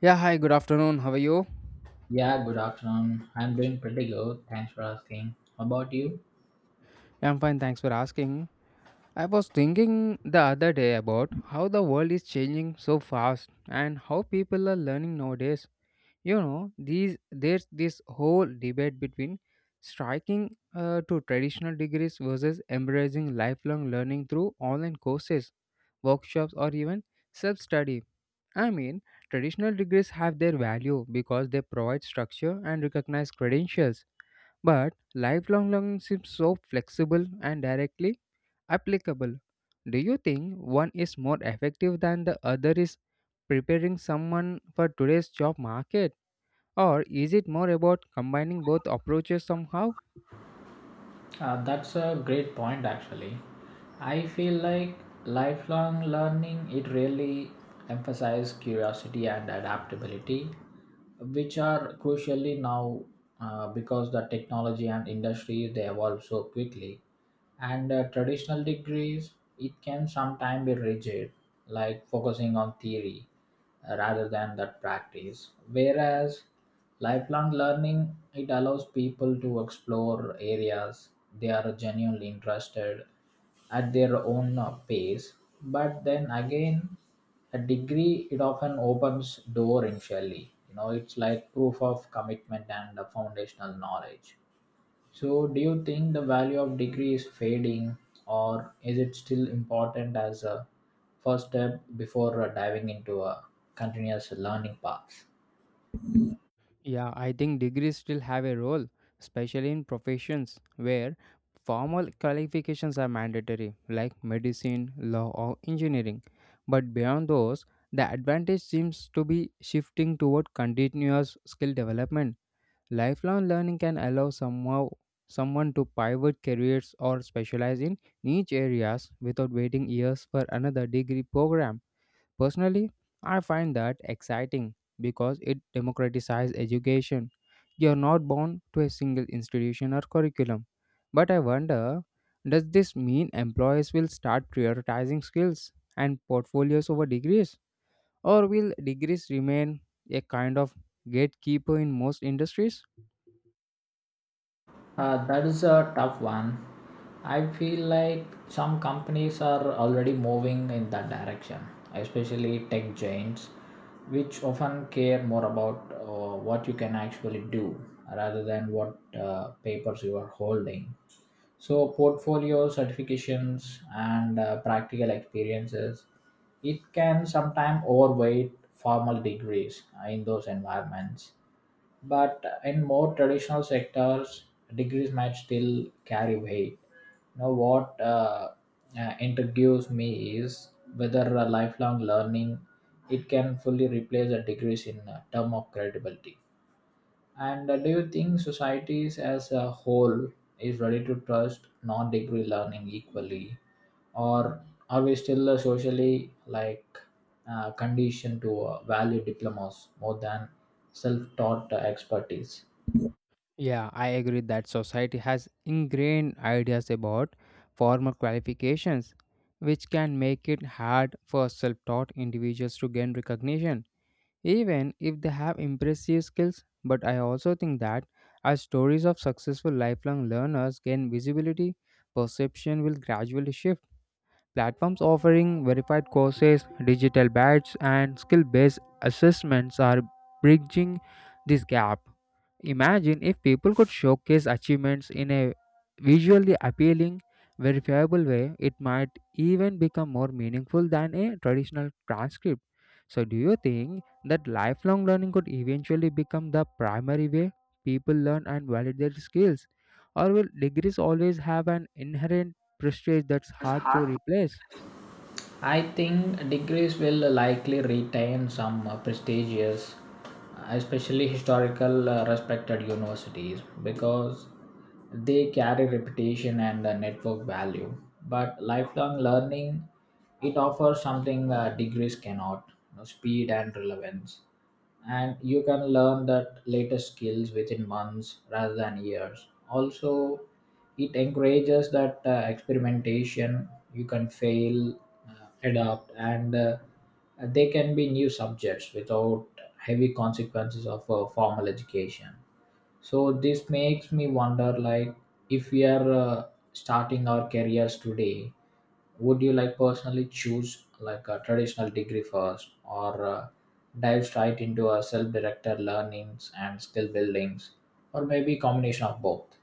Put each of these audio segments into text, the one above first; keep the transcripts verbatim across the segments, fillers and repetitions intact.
Yeah, hi, good afternoon. How are you? Yeah, good afternoon. I'm doing pretty good. Thanks for asking. How about you? I'm fine, thanks for asking. I was thinking the other day about how the world is changing so fast and how people are learning nowadays. You know, these there's this whole debate between striking uh, to traditional degrees versus embracing lifelong learning through online courses, workshops, or even self-study. I mean, traditional degrees have their value because they provide structure and recognize credentials. But lifelong learning seems so flexible and directly applicable. Do you think one is more effective than the other is preparing someone for today's job market? Or is it more about combining both approaches somehow? Uh, that's a great point, actually. I feel like lifelong learning it really emphasizes curiosity and adaptability, which are crucially now, uh, because the technology and industry they evolve so quickly. And uh, traditional degrees it can sometimes be rigid, like focusing on theory uh, rather than that practice, whereas lifelong learning it allows people to explore areas they are genuinely interested at their own uh, pace. But then again, a degree it often opens door initially, you know, it's like proof of commitment and uh, foundational knowledge. So, do you think the value of degree is fading, or is it still important as a first step before uh, diving into a continuous learning path? Yeah, I think degrees still have a role, especially in professions where formal qualifications are mandatory, like medicine, law, or engineering. But beyond those, the advantage seems to be shifting toward continuous skill development. Lifelong learning can allow somehow someone to pivot careers or specialize in niche areas without waiting years for another degree program. Personally, I find that exciting because it democratizes education. You are not bound to a single institution or curriculum. But I wonder, does this mean employers will start prioritizing skills and portfolios over degrees? Or will degrees remain a kind of gatekeeper in most industries? Uh, that is a tough one. I feel like some companies are already moving in that direction, especially tech giants, which often care more about uh, what you can actually do rather than what uh, papers you are holding. So portfolio certifications and uh, practical experiences, it can sometimes overweight formal degrees uh, in those environments. But in more traditional sectors, degrees might still carry weight. Now, what uh, uh, intrigues me is whether uh, lifelong learning it can fully replace the degrees in uh, term of credibility. And uh, do you think societies as a whole is ready to trust non-degree learning equally, or are we still uh, socially, like, uh, conditioned to uh, value diplomas more than self-taught uh, expertise? Yeah, I agree that society has ingrained ideas about formal qualifications, which can make it hard for self taught individuals to gain recognition, even if they have impressive skills. But I also think that as stories of successful lifelong learners gain visibility, perception will gradually shift. Platforms offering verified courses, digital badges, and skill based assessments are bridging this gap. Imagine if people could showcase achievements in a visually appealing, verifiable way, it might even become more meaningful than a traditional transcript. So, do you think that lifelong learning could eventually become the primary way people learn and validate their skills? Or will degrees always have an inherent prestige that's hard to replace? I think degrees will likely retain some uh, prestigious, especially historical uh, respected universities, because they carry reputation and uh, network value. But lifelong learning, it offers something uh, degrees cannot, you know, speed and relevance, and you can learn that latest skills within months rather than years. Also, it encourages that uh, experimentation. You can fail, uh, adapt, and uh, they can be new subjects without heavy consequences of a formal education. So this makes me wonder, like, if we are uh, starting our careers today, would you like personally choose like a traditional degree first, or uh, dive straight into a self-directed learnings and skill buildings, or maybe combination of both?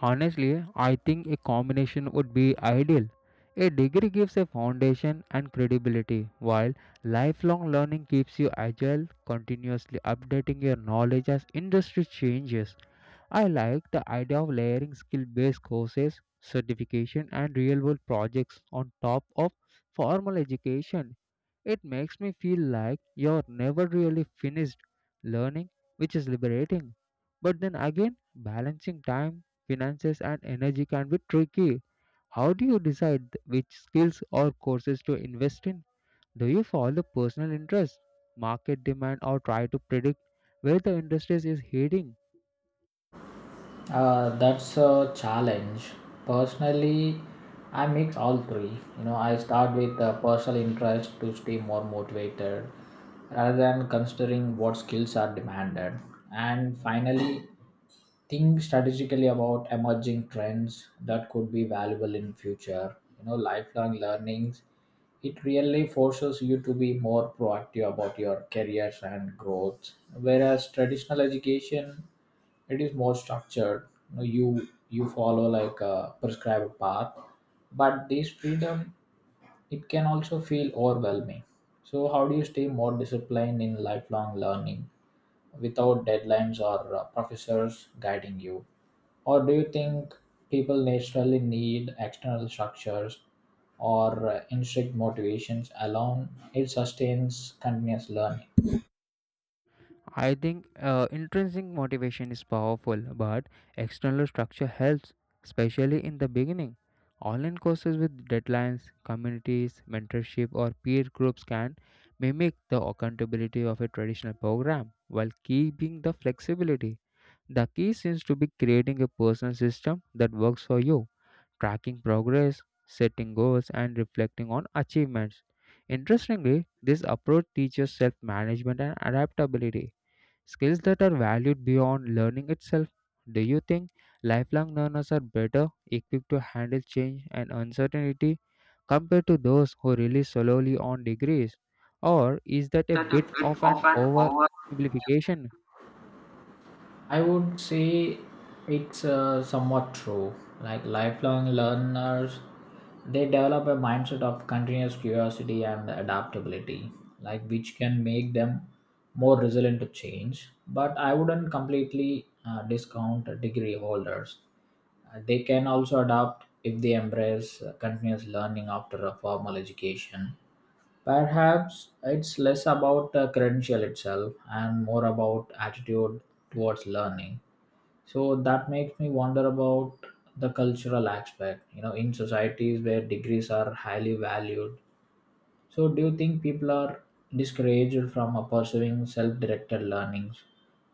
Honestly, I think a combination would be ideal. A degree gives a foundation and credibility, while lifelong learning keeps you agile, continuously updating your knowledge as industry changes. I like the idea of layering skill based courses, certification, and real world projects on top of formal education. It makes me feel like you're never really finished learning, which is liberating. But then again, balancing time, finances, and energy can be tricky. How do you decide which skills or courses to invest in? Do you follow personal interest, market demand, or try to predict where the industry is heading? Uh, that's a challenge. Personally, I mix all three. You know, I start with uh, personal interest to stay more motivated rather than considering what skills are demanded. And finally, think strategically about emerging trends that could be valuable in future. You know, lifelong learnings. It really forces you to be more proactive about your careers and growth. Whereas traditional education it is more structured. You know, you you follow like a prescribed path, but this freedom it can also feel overwhelming. So how do you stay more disciplined in lifelong learning without deadlines or uh, professors guiding you? Or do you think people naturally need external structures, or uh, intrinsic motivations alone it sustains continuous learning? I think uh, intrinsic motivation is powerful, but external structure helps, especially in the beginning. Online courses with deadlines, communities, mentorship, or peer groups can mimic the accountability of a traditional program while keeping the flexibility. The key seems to be creating a personal system that works for you, tracking progress, setting goals, and reflecting on achievements. Interestingly, this approach teaches self management and adaptability. Skills that are valued beyond learning itself. Do you think lifelong learners are better equipped to handle change and uncertainty compared to those who rely solely on degrees? Or is that a That a bit bit of an of an overwhelming, oversimplification? I would say. It's uh, somewhat true. Like lifelong learners, they develop a mindset of continuous curiosity and adaptability, like which can make them more resilient to change. But I wouldn't completely uh, discount degree holders. Uh, they can also adapt if they embrace uh, continuous learning after a formal education. Perhaps it's less about uh, credential itself and more about attitude towards learning. So that makes me wonder about the cultural aspect, you know, in societies where degrees are highly valued. So do you think people are discouraged from uh, pursuing self-directed learnings,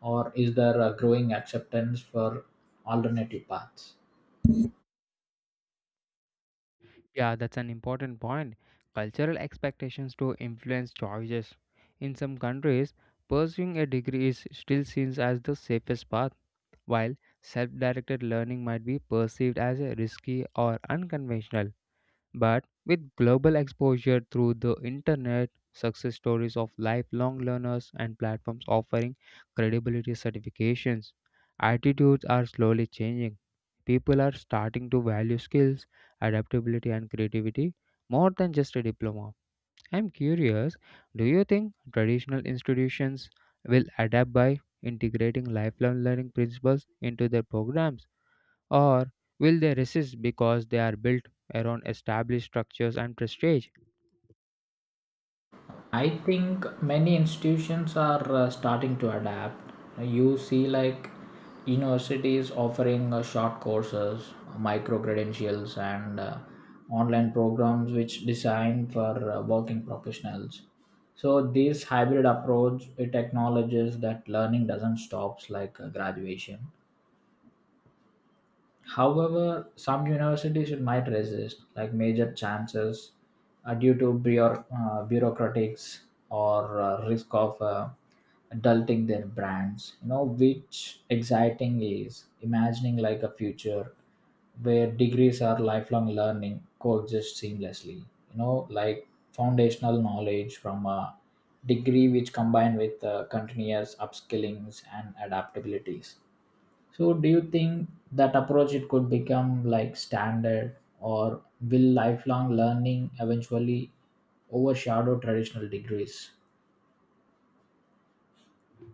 or is there a growing acceptance for alternative paths? Yeah, that's an important point. Cultural expectations do influence choices. In some countries, pursuing a degree is still seen as the safest path, while self directed learning might be perceived as a risky or unconventional. But with global exposure through the internet, success stories of lifelong learners and platforms offering credibility certifications, attitudes are slowly changing. People are starting to value skills, adaptability, and creativity more than just a diploma. I'm curious, do you think traditional institutions will adapt by integrating lifelong learning principles into their programs? Or will they resist because they are built around established structures and prestige? I think many institutions are uh, starting to adapt. You see, like universities offering uh, short courses, micro credentials, and uh, online programs which design for uh, working professionals. So this hybrid approach it acknowledges that learning doesn't stops like uh, graduation. However, some universities might resist, like major chances, uh, due to bureau- uh, bureaucratics or uh, risk of uh, adulting their brands. You know, which exciting is imagining like a future where degrees are lifelong learning coexist seamlessly. You know, like foundational knowledge from a degree which combine with uh, continuous upskillings and adaptabilities. So do you think that approach it could become like standard, or will lifelong learning eventually overshadow traditional degrees?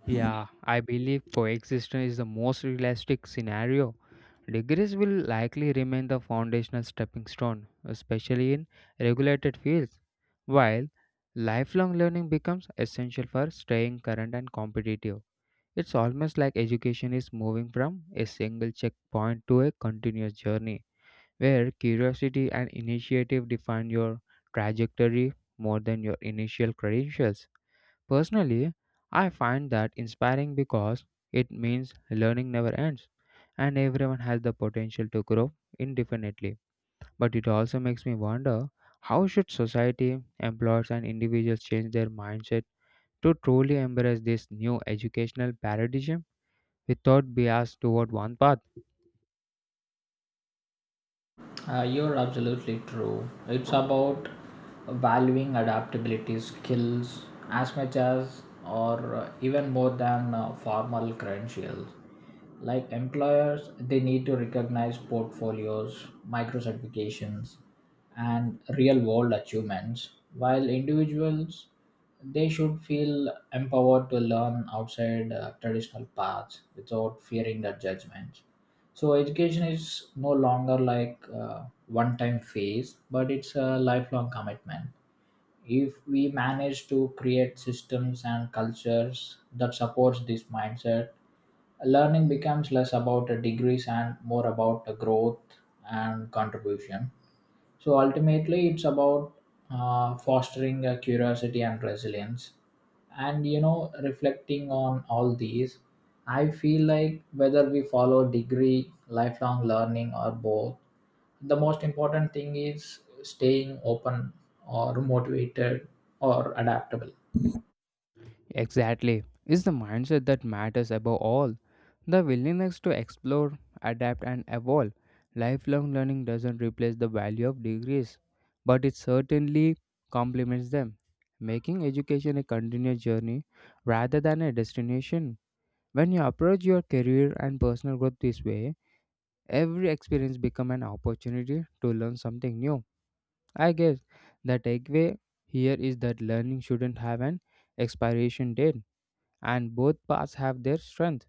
Yeah, I believe coexistence is the most realistic scenario. Degrees will likely remain the foundational stepping stone, especially in regulated fields, while lifelong learning becomes essential for staying current and competitive. It's almost like education is moving from a single checkpoint to a continuous journey, where curiosity and initiative define your trajectory more than your initial credentials. Personally, I find that inspiring because it means learning never ends and everyone has the potential to grow indefinitely. But it also makes me wonder, how should society, employers and individuals change their mindset to truly embrace this new educational paradigm without bias toward one path? Uh, you're absolutely true. It's about valuing adaptability skills as much as, or uh, even more than uh, formal credentials. Like employers, they need to recognize portfolios, micro certifications, and real world achievements, while individuals, they should feel empowered to learn outside uh, traditional paths without fearing the judgment. So education is no longer like uh, one time phase, but it's a lifelong commitment. If we manage to create systems and cultures that supports this mindset, learning becomes less about the degrees and more about the growth and contribution. So ultimately it's about uh, fostering a curiosity and resilience, and you know, reflecting on all these, I feel like whether we follow degree lifelong learning or both, the most important thing is staying open, or motivated, or adaptable. Exactly. It's the mindset that matters above all. The willingness to explore, adapt, and evolve. Lifelong learning doesn't replace the value of degrees, but it certainly complements them, making education a continuous journey rather than a destination. When you approach your career and personal growth this way, every experience becomes an opportunity to learn something new. I guess the takeaway here is that learning shouldn't have an expiration date and both paths have their strength.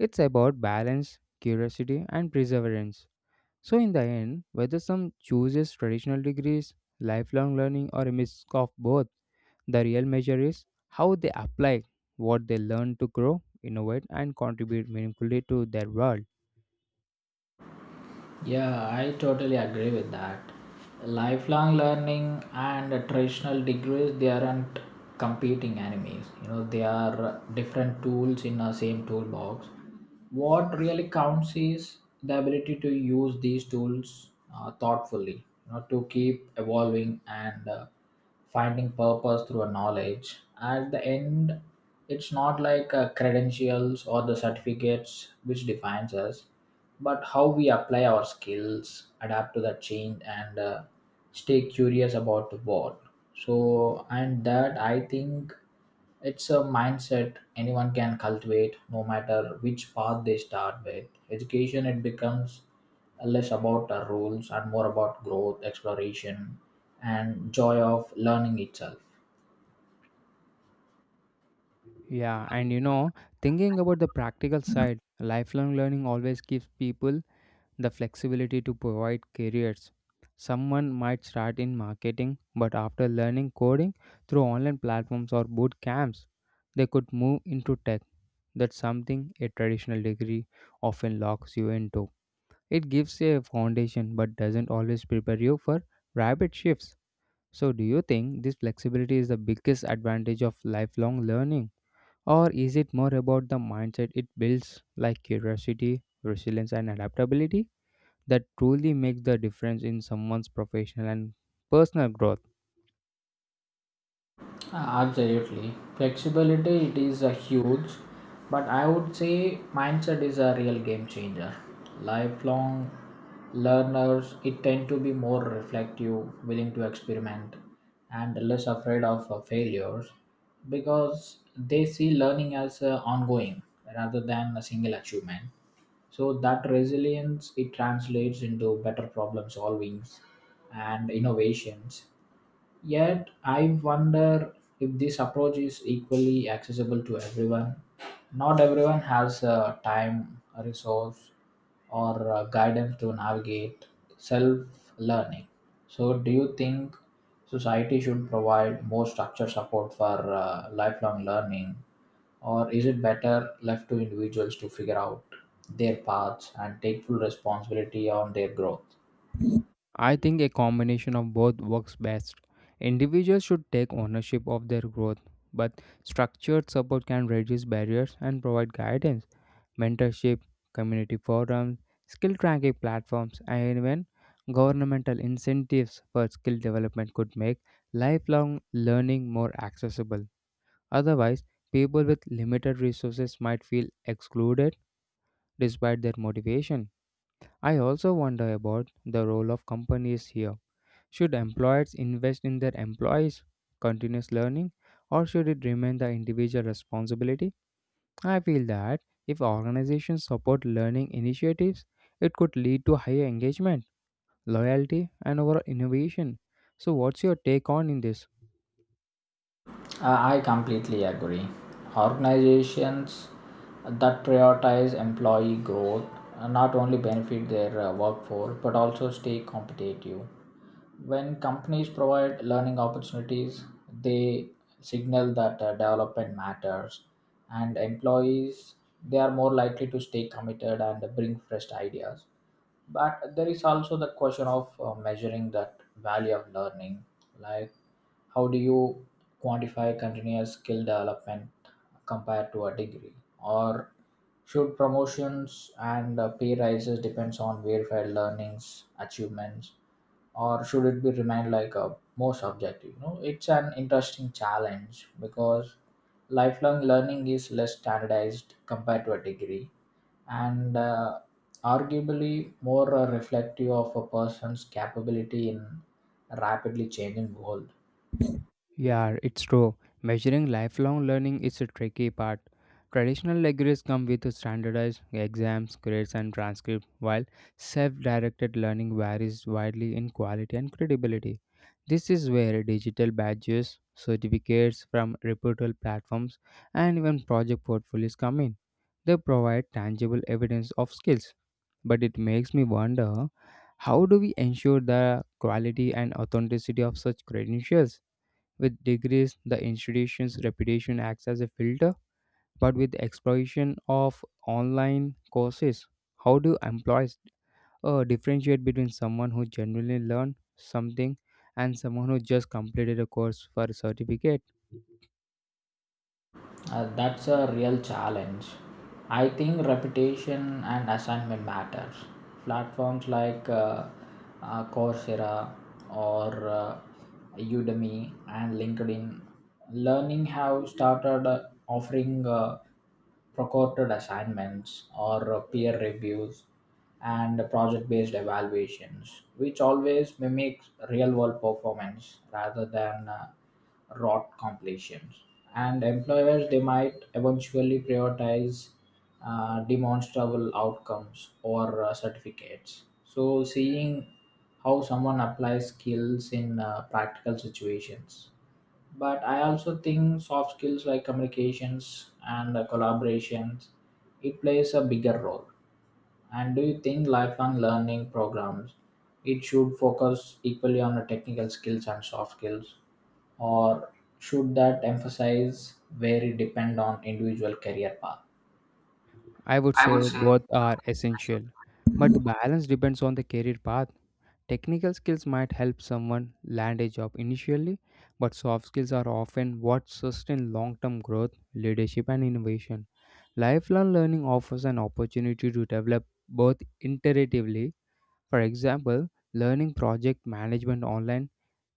It's about balance, curiosity, and perseverance. So, in the end, whether some chooses traditional degrees, lifelong learning, or a mix of both, the real measure is how they apply what they learn to grow, innovate, and contribute meaningfully to their world. Yeah, I totally agree with that. Lifelong learning and traditional degrees they aren't competing enemies. You know, they are different tools in the same toolbox. What really counts is the ability to use these tools uh, thoughtfully, you know, to keep evolving and uh, finding purpose through a knowledge. At the end, it's not like uh, credentials or the certificates which defines us, but how we apply our skills adapt to the change and uh, stay curious about the world. So, and that I think it's a mindset anyone can cultivate, no matter which path they start with. Education it becomes less about the rules and more about growth exploration and joy of learning itself. Yeah, and you know, thinking about the practical side, lifelong learning always gives people the flexibility to provide careers. Someone might start in marketing, but after learning coding through online platforms or boot camps, they could move into tech. That's something a traditional degree often locks you into. It gives a foundation but doesn't always prepare you for rapid shifts. So, do you think this flexibility is the biggest advantage of lifelong learning? Or is it more about the mindset it builds, like curiosity, resilience, and adaptability, that truly makes the difference in someone's professional and personal growth? Absolutely. Flexibility it is a huge, but I would say mindset is a real game changer. Lifelong learners it tend to be more reflective, willing to experiment and less afraid of uh, failures, because they see learning as uh, ongoing rather than a single achievement. So that resilience it translates into better problem solvings and innovations. Yet, I wonder if this approach is equally accessible to everyone. Not everyone has uh, time, resource, or uh, guidance to navigate self learning. So, do you think society should provide more structured support for uh, lifelong learning, or is it better left to individuals to figure out their paths and take full responsibility on their growth? I think a combination of both works best. Individuals should take ownership of their growth, but structured support can reduce barriers and provide guidance, mentorship, community forums, skill tracking platforms, and even governmental incentives for skill development could make lifelong learning more accessible. Otherwise, people with limited resources might feel excluded despite their motivation. I also wonder about the role of companies here. Should employers invest in their employees' continuous learning or should it remain the individual responsibility? I feel that if organizations support learning initiatives, it could lead to higher engagement, loyalty, and overall innovation. So, what's your take on in this? I I completely agree. Organizations that prioritize employee growth uh, not only benefit their uh, workforce but also stay competitive. When companies provide learning opportunities, they signal that uh, development matters, and employees they are more likely to stay committed and bring fresh ideas. But there is also the question of uh, measuring that value of learning, like how do you quantify continuous skill development compared to a degree? Or should promotions and uh, pay rises depends on verified learnings, achievements, or should it be remain like a more subjective? You know, it's an interesting challenge because lifelong learning is less standardized compared to a degree and uh, arguably more uh, reflective of a person's capability in rapidly changing world. Yeah, it's true. Measuring lifelong learning is a tricky part. Traditional degrees come with standardized exams, grades, and transcripts, while self directed learning varies widely in quality and credibility. This is where digital badges, certificates from reputable platforms, and even project portfolios come in. They provide tangible evidence of skills. But it makes me wonder, how do we ensure the quality and authenticity of such credentials? With degrees, the institution's reputation acts as a filter, but with the explosion of online courses, how do employees uh, differentiate between someone who genuinely learned something and someone who just completed a course for a certificate? Uh, that's a real challenge. I think reputation and assignment matters. Platforms like uh, uh, Coursera, or uh, Udemy and LinkedIn Learning have started uh, offering uh, procured assignments, or uh, peer reviews and project-based evaluations, which always mimics real-world performance rather than uh, rote completions. And employers they might eventually prioritize uh, demonstrable outcomes or uh, certificates. So seeing how someone applies skills in uh, practical situations. But I also think soft skills like communications and uh, collaborations it plays a bigger role. And do you think lifelong learning programs it should focus equally on the technical skills and soft skills, or should that emphasis vary depend on individual career path? I would I would say say both are essential, but the balance depends on the career path. Technical skills might help someone land a job initially, but soft skills are often what sustain long term growth, leadership, and innovation. Lifelong learning offers an opportunity to develop both iteratively. For example, learning project management online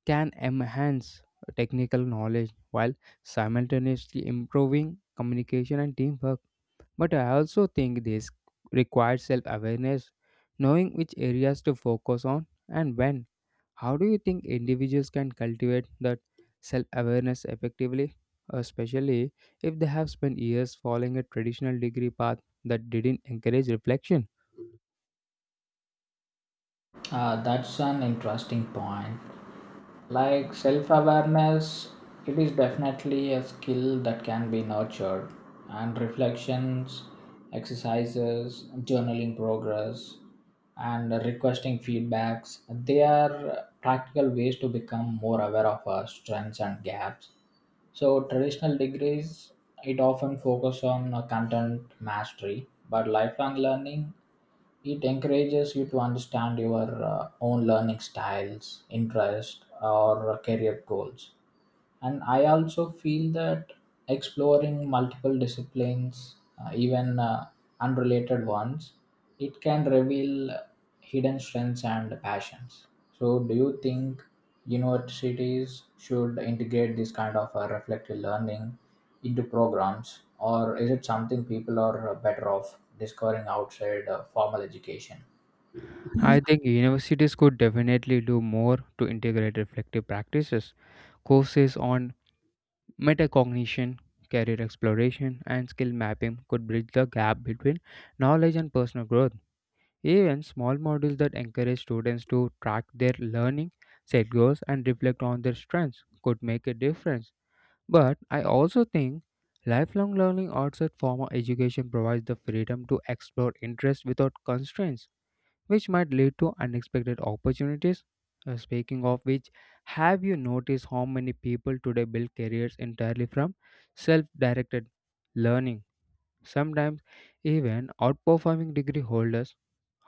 can enhance technical knowledge while simultaneously improving communication and teamwork. But I also think this requires self awareness, knowing which areas to focus on and when. How do you think individuals can cultivate that self awareness effectively, Uh, especially if they have spent years following a traditional degree path that didn't encourage reflection? Uh, that's an interesting point. Like self awareness, it is definitely a skill that can be nurtured, and reflections, exercises, journaling progress, and requesting feedbacks, they are practical ways to become more aware of our strengths and gaps. So traditional degrees it often focus on uh, content mastery, but lifelong learning it encourages you to understand your uh, own learning styles interest or career goals. And I also feel that exploring multiple disciplines, uh, even uh, unrelated ones, it can reveal hidden strengths and passions. So do you think universities should integrate this kind of uh, reflective learning into programs, or is it something people are uh, better off discovering outside uh, formal education? I think universities could definitely do more to integrate reflective practices. Courses on metacognition, career exploration, and skill mapping could bridge the gap between knowledge and personal growth. Even small modules that encourage students to track their learning, set goals, and reflect on their strengths could make a difference. But I also think lifelong learning outside formal education provides the freedom to explore interests without constraints, which might lead to unexpected opportunities. Uh, speaking of which, have you noticed how many people today build careers entirely from self directed learning, sometimes even outperforming degree holders?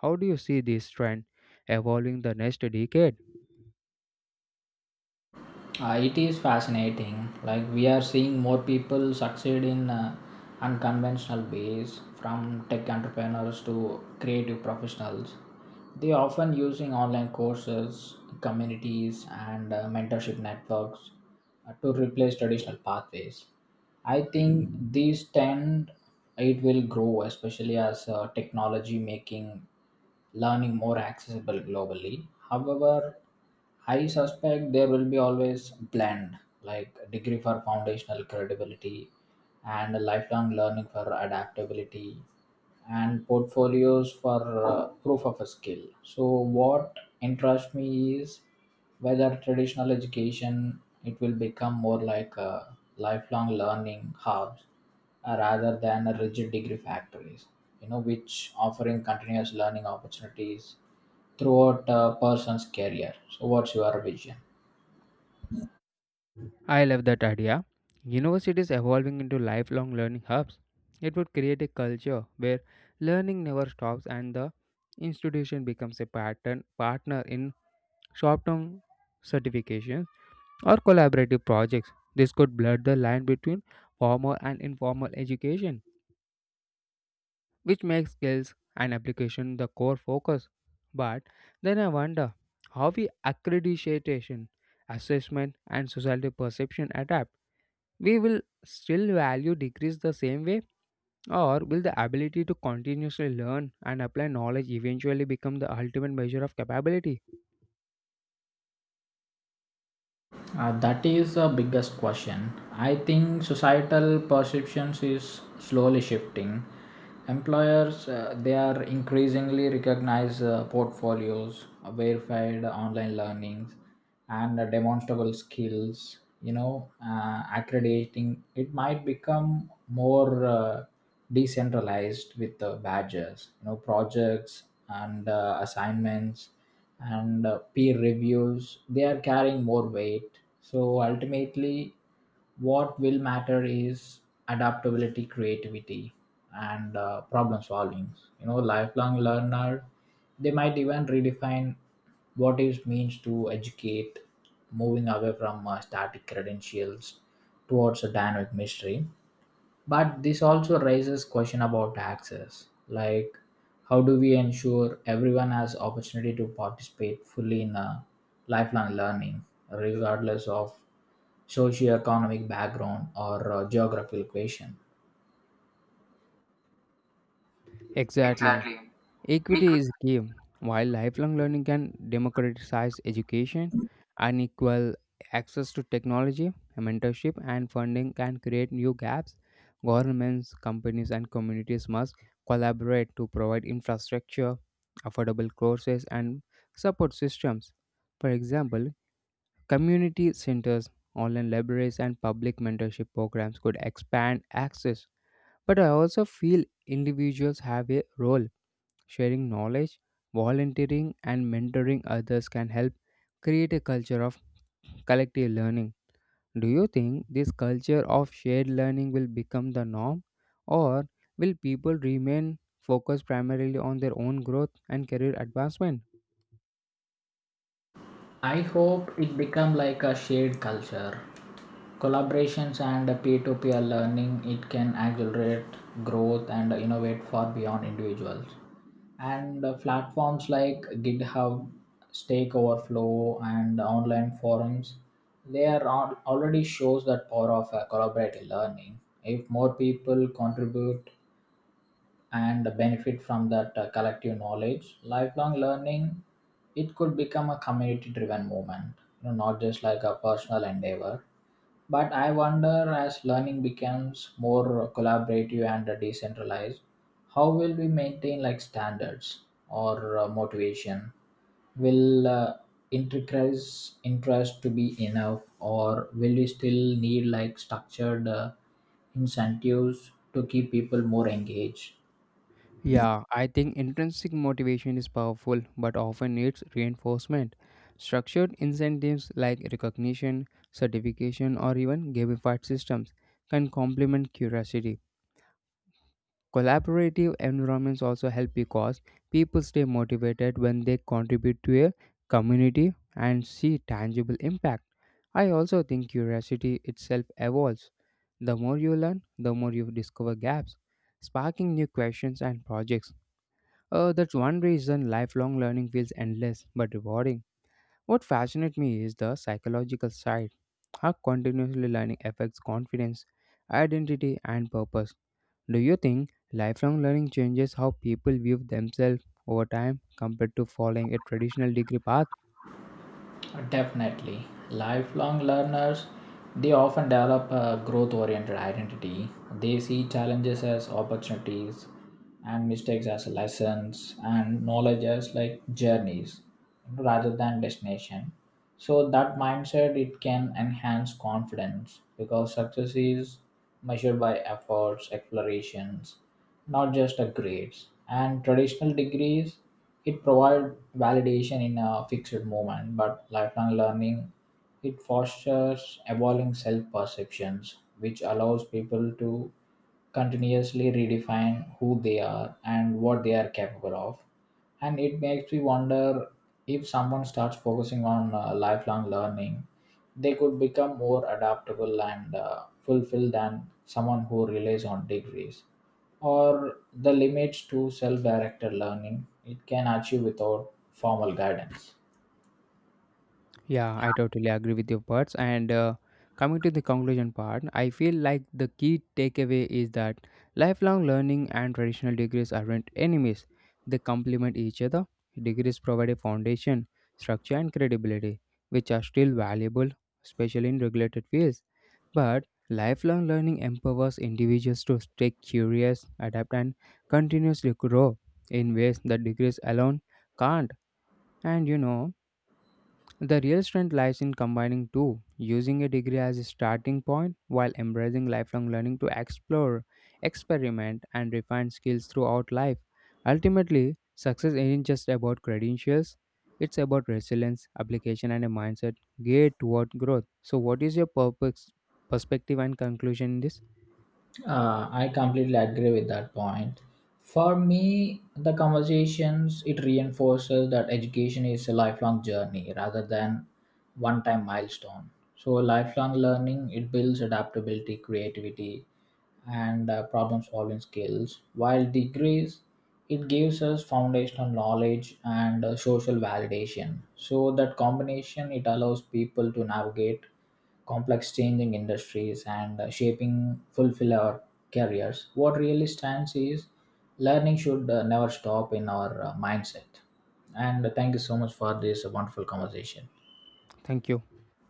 How do you see this trend evolving the next decade? Uh, it is fascinating. Like we are seeing more people succeed in uh, unconventional ways, from tech entrepreneurs to creative professionals. They are often using online courses, communities, and uh, mentorship networks uh, to replace traditional pathways. I think these tend it will grow, especially as uh, technology making learning more accessible globally. However, I suspect there will be always blend, like a degree for foundational credibility and a lifelong learning for adaptability and portfolios for uh, proof of a skill. So what interests me is whether traditional education it will become more like a lifelong learning hubs uh, rather than a rigid degree factories, you know, which offering continuous learning opportunities throughout a person's career. So, what's your vision? I love that idea. Universities evolving into lifelong learning hubs. It would create a culture where learning never stops and the institution becomes a pattern partner in short-term certifications or collaborative projects. This could blur the line between formal and informal education, which makes skills and application the core focus. But then I wonder how we accreditation, assessment, and society perception adapt. We will still value degrees the same way, or will the ability to continuously learn and apply knowledge eventually become the ultimate measure of capability? Uh, that is the biggest question. I think societal perceptions is slowly shifting. Employers uh, they are increasingly recognize uh, portfolios, uh, verified online learnings, and uh, demonstrable skills. You know, uh, accrediting it might become more uh, decentralized with the badges. You know, projects and uh, assignments and uh, peer reviews they are carrying more weight. So ultimately, what will matter is adaptability creativity and uh, problem solving. You know, lifelong learner they might even redefine what it means to educate, moving away from uh, static credentials towards a dynamic mystery. But this also raises question about access, like how do we ensure everyone has opportunity to participate fully in a lifelong learning, regardless of socioeconomic background or uh, geographical location? Exactly. Exactly. Equity is key. While lifelong learning can democratize education, unequal access to technology, mentorship, and funding can create new gaps. Governments, companies, and communities must collaborate to provide infrastructure, affordable courses, and support systems. For example, community centers, online libraries, and public mentorship programs could expand access. But I also feel individuals have a role. Sharing knowledge, volunteering, and mentoring others can help create a culture of collective learning. Do you think this culture of shared learning will become the norm, or will people remain focused primarily on their own growth and career advancement? I hope it become like a shared culture. Collaborations and peer-to-peer learning, it can accelerate growth and innovate far beyond individuals. And uh, platforms like GitHub, Stack Overflow, and online forums, they are al- already shows that power of uh, collaborative learning. If more people contribute, and benefit from that uh, collective knowledge, lifelong learning it could become a community driven movement, you know, not just like a personal endeavor. But I wonder, as learning becomes more collaborative and decentralized, how will we maintain like standards or uh, motivation? Will uh, increase interest to be enough, or will we still need like structured uh, incentives to keep people more engaged? Yeah, I think intrinsic motivation is powerful but often needs reinforcement. Structured incentives like recognition, certification, or even gamified systems can complement curiosity. Collaborative environments also help because people stay motivated when they contribute to a community and see tangible impact. I also think curiosity itself evolves. The more you learn, the more you discover gaps, sparking new questions and projects. Uh, that's one reason lifelong learning feels endless but rewarding. What fascinates me is the psychological side, how continuously learning affects confidence, identity, and purpose. Do you think lifelong learning changes how people view themselves over time compared to following a traditional degree path? Definitely. Lifelong learners, they often develop a growth oriented identity. They see challenges as opportunities and mistakes as lessons and knowledge as like journeys rather than destination. So that mindset it can enhance confidence because success is measured by efforts, explorations, not just a grades. And traditional degrees, it provide validation in a fixed moment, but lifelong learning, it fosters evolving self-perceptions, which allows people to continuously redefine who they are and what they are capable of. And it makes me wonder, if someone starts focusing on uh, lifelong learning, they could become more adaptable and uh, fulfilled than someone who relies on degrees, or the limits to self directed learning it can achieve without formal guidance. Yeah, I totally agree with your parts. And uh, Coming to the conclusion part, I feel like the key takeaway is that lifelong learning and traditional degrees aren't enemies, they complement each other. Degrees provide a foundation, structure, and credibility, which are still valuable, especially in regulated fields. But lifelong learning empowers individuals to stay curious, adapt, and continuously grow in ways that degrees alone can't. And you know, the real strength lies in combining two, using a degree as a starting point while embracing lifelong learning to explore, experiment, and refine skills throughout life. Ultimately, success isn't just about credentials, it's about resilience, application, and a mindset geared toward growth. So, what is your purpose, perspective, and conclusion in this? Uh, I completely agree with that point. For me, the conversations it reinforces that education is a lifelong journey rather than one-time milestone. So, lifelong learning it builds adaptability, creativity, and uh, problem-solving skills. While degrees, it gives us foundational knowledge and uh, social validation. So that combination it allows people to navigate complex changing industries and uh, shaping fulfill our careers. What really stands is learning should uh, never stop in our uh, mindset. And uh, thank you so much for this wonderful conversation. Thank you.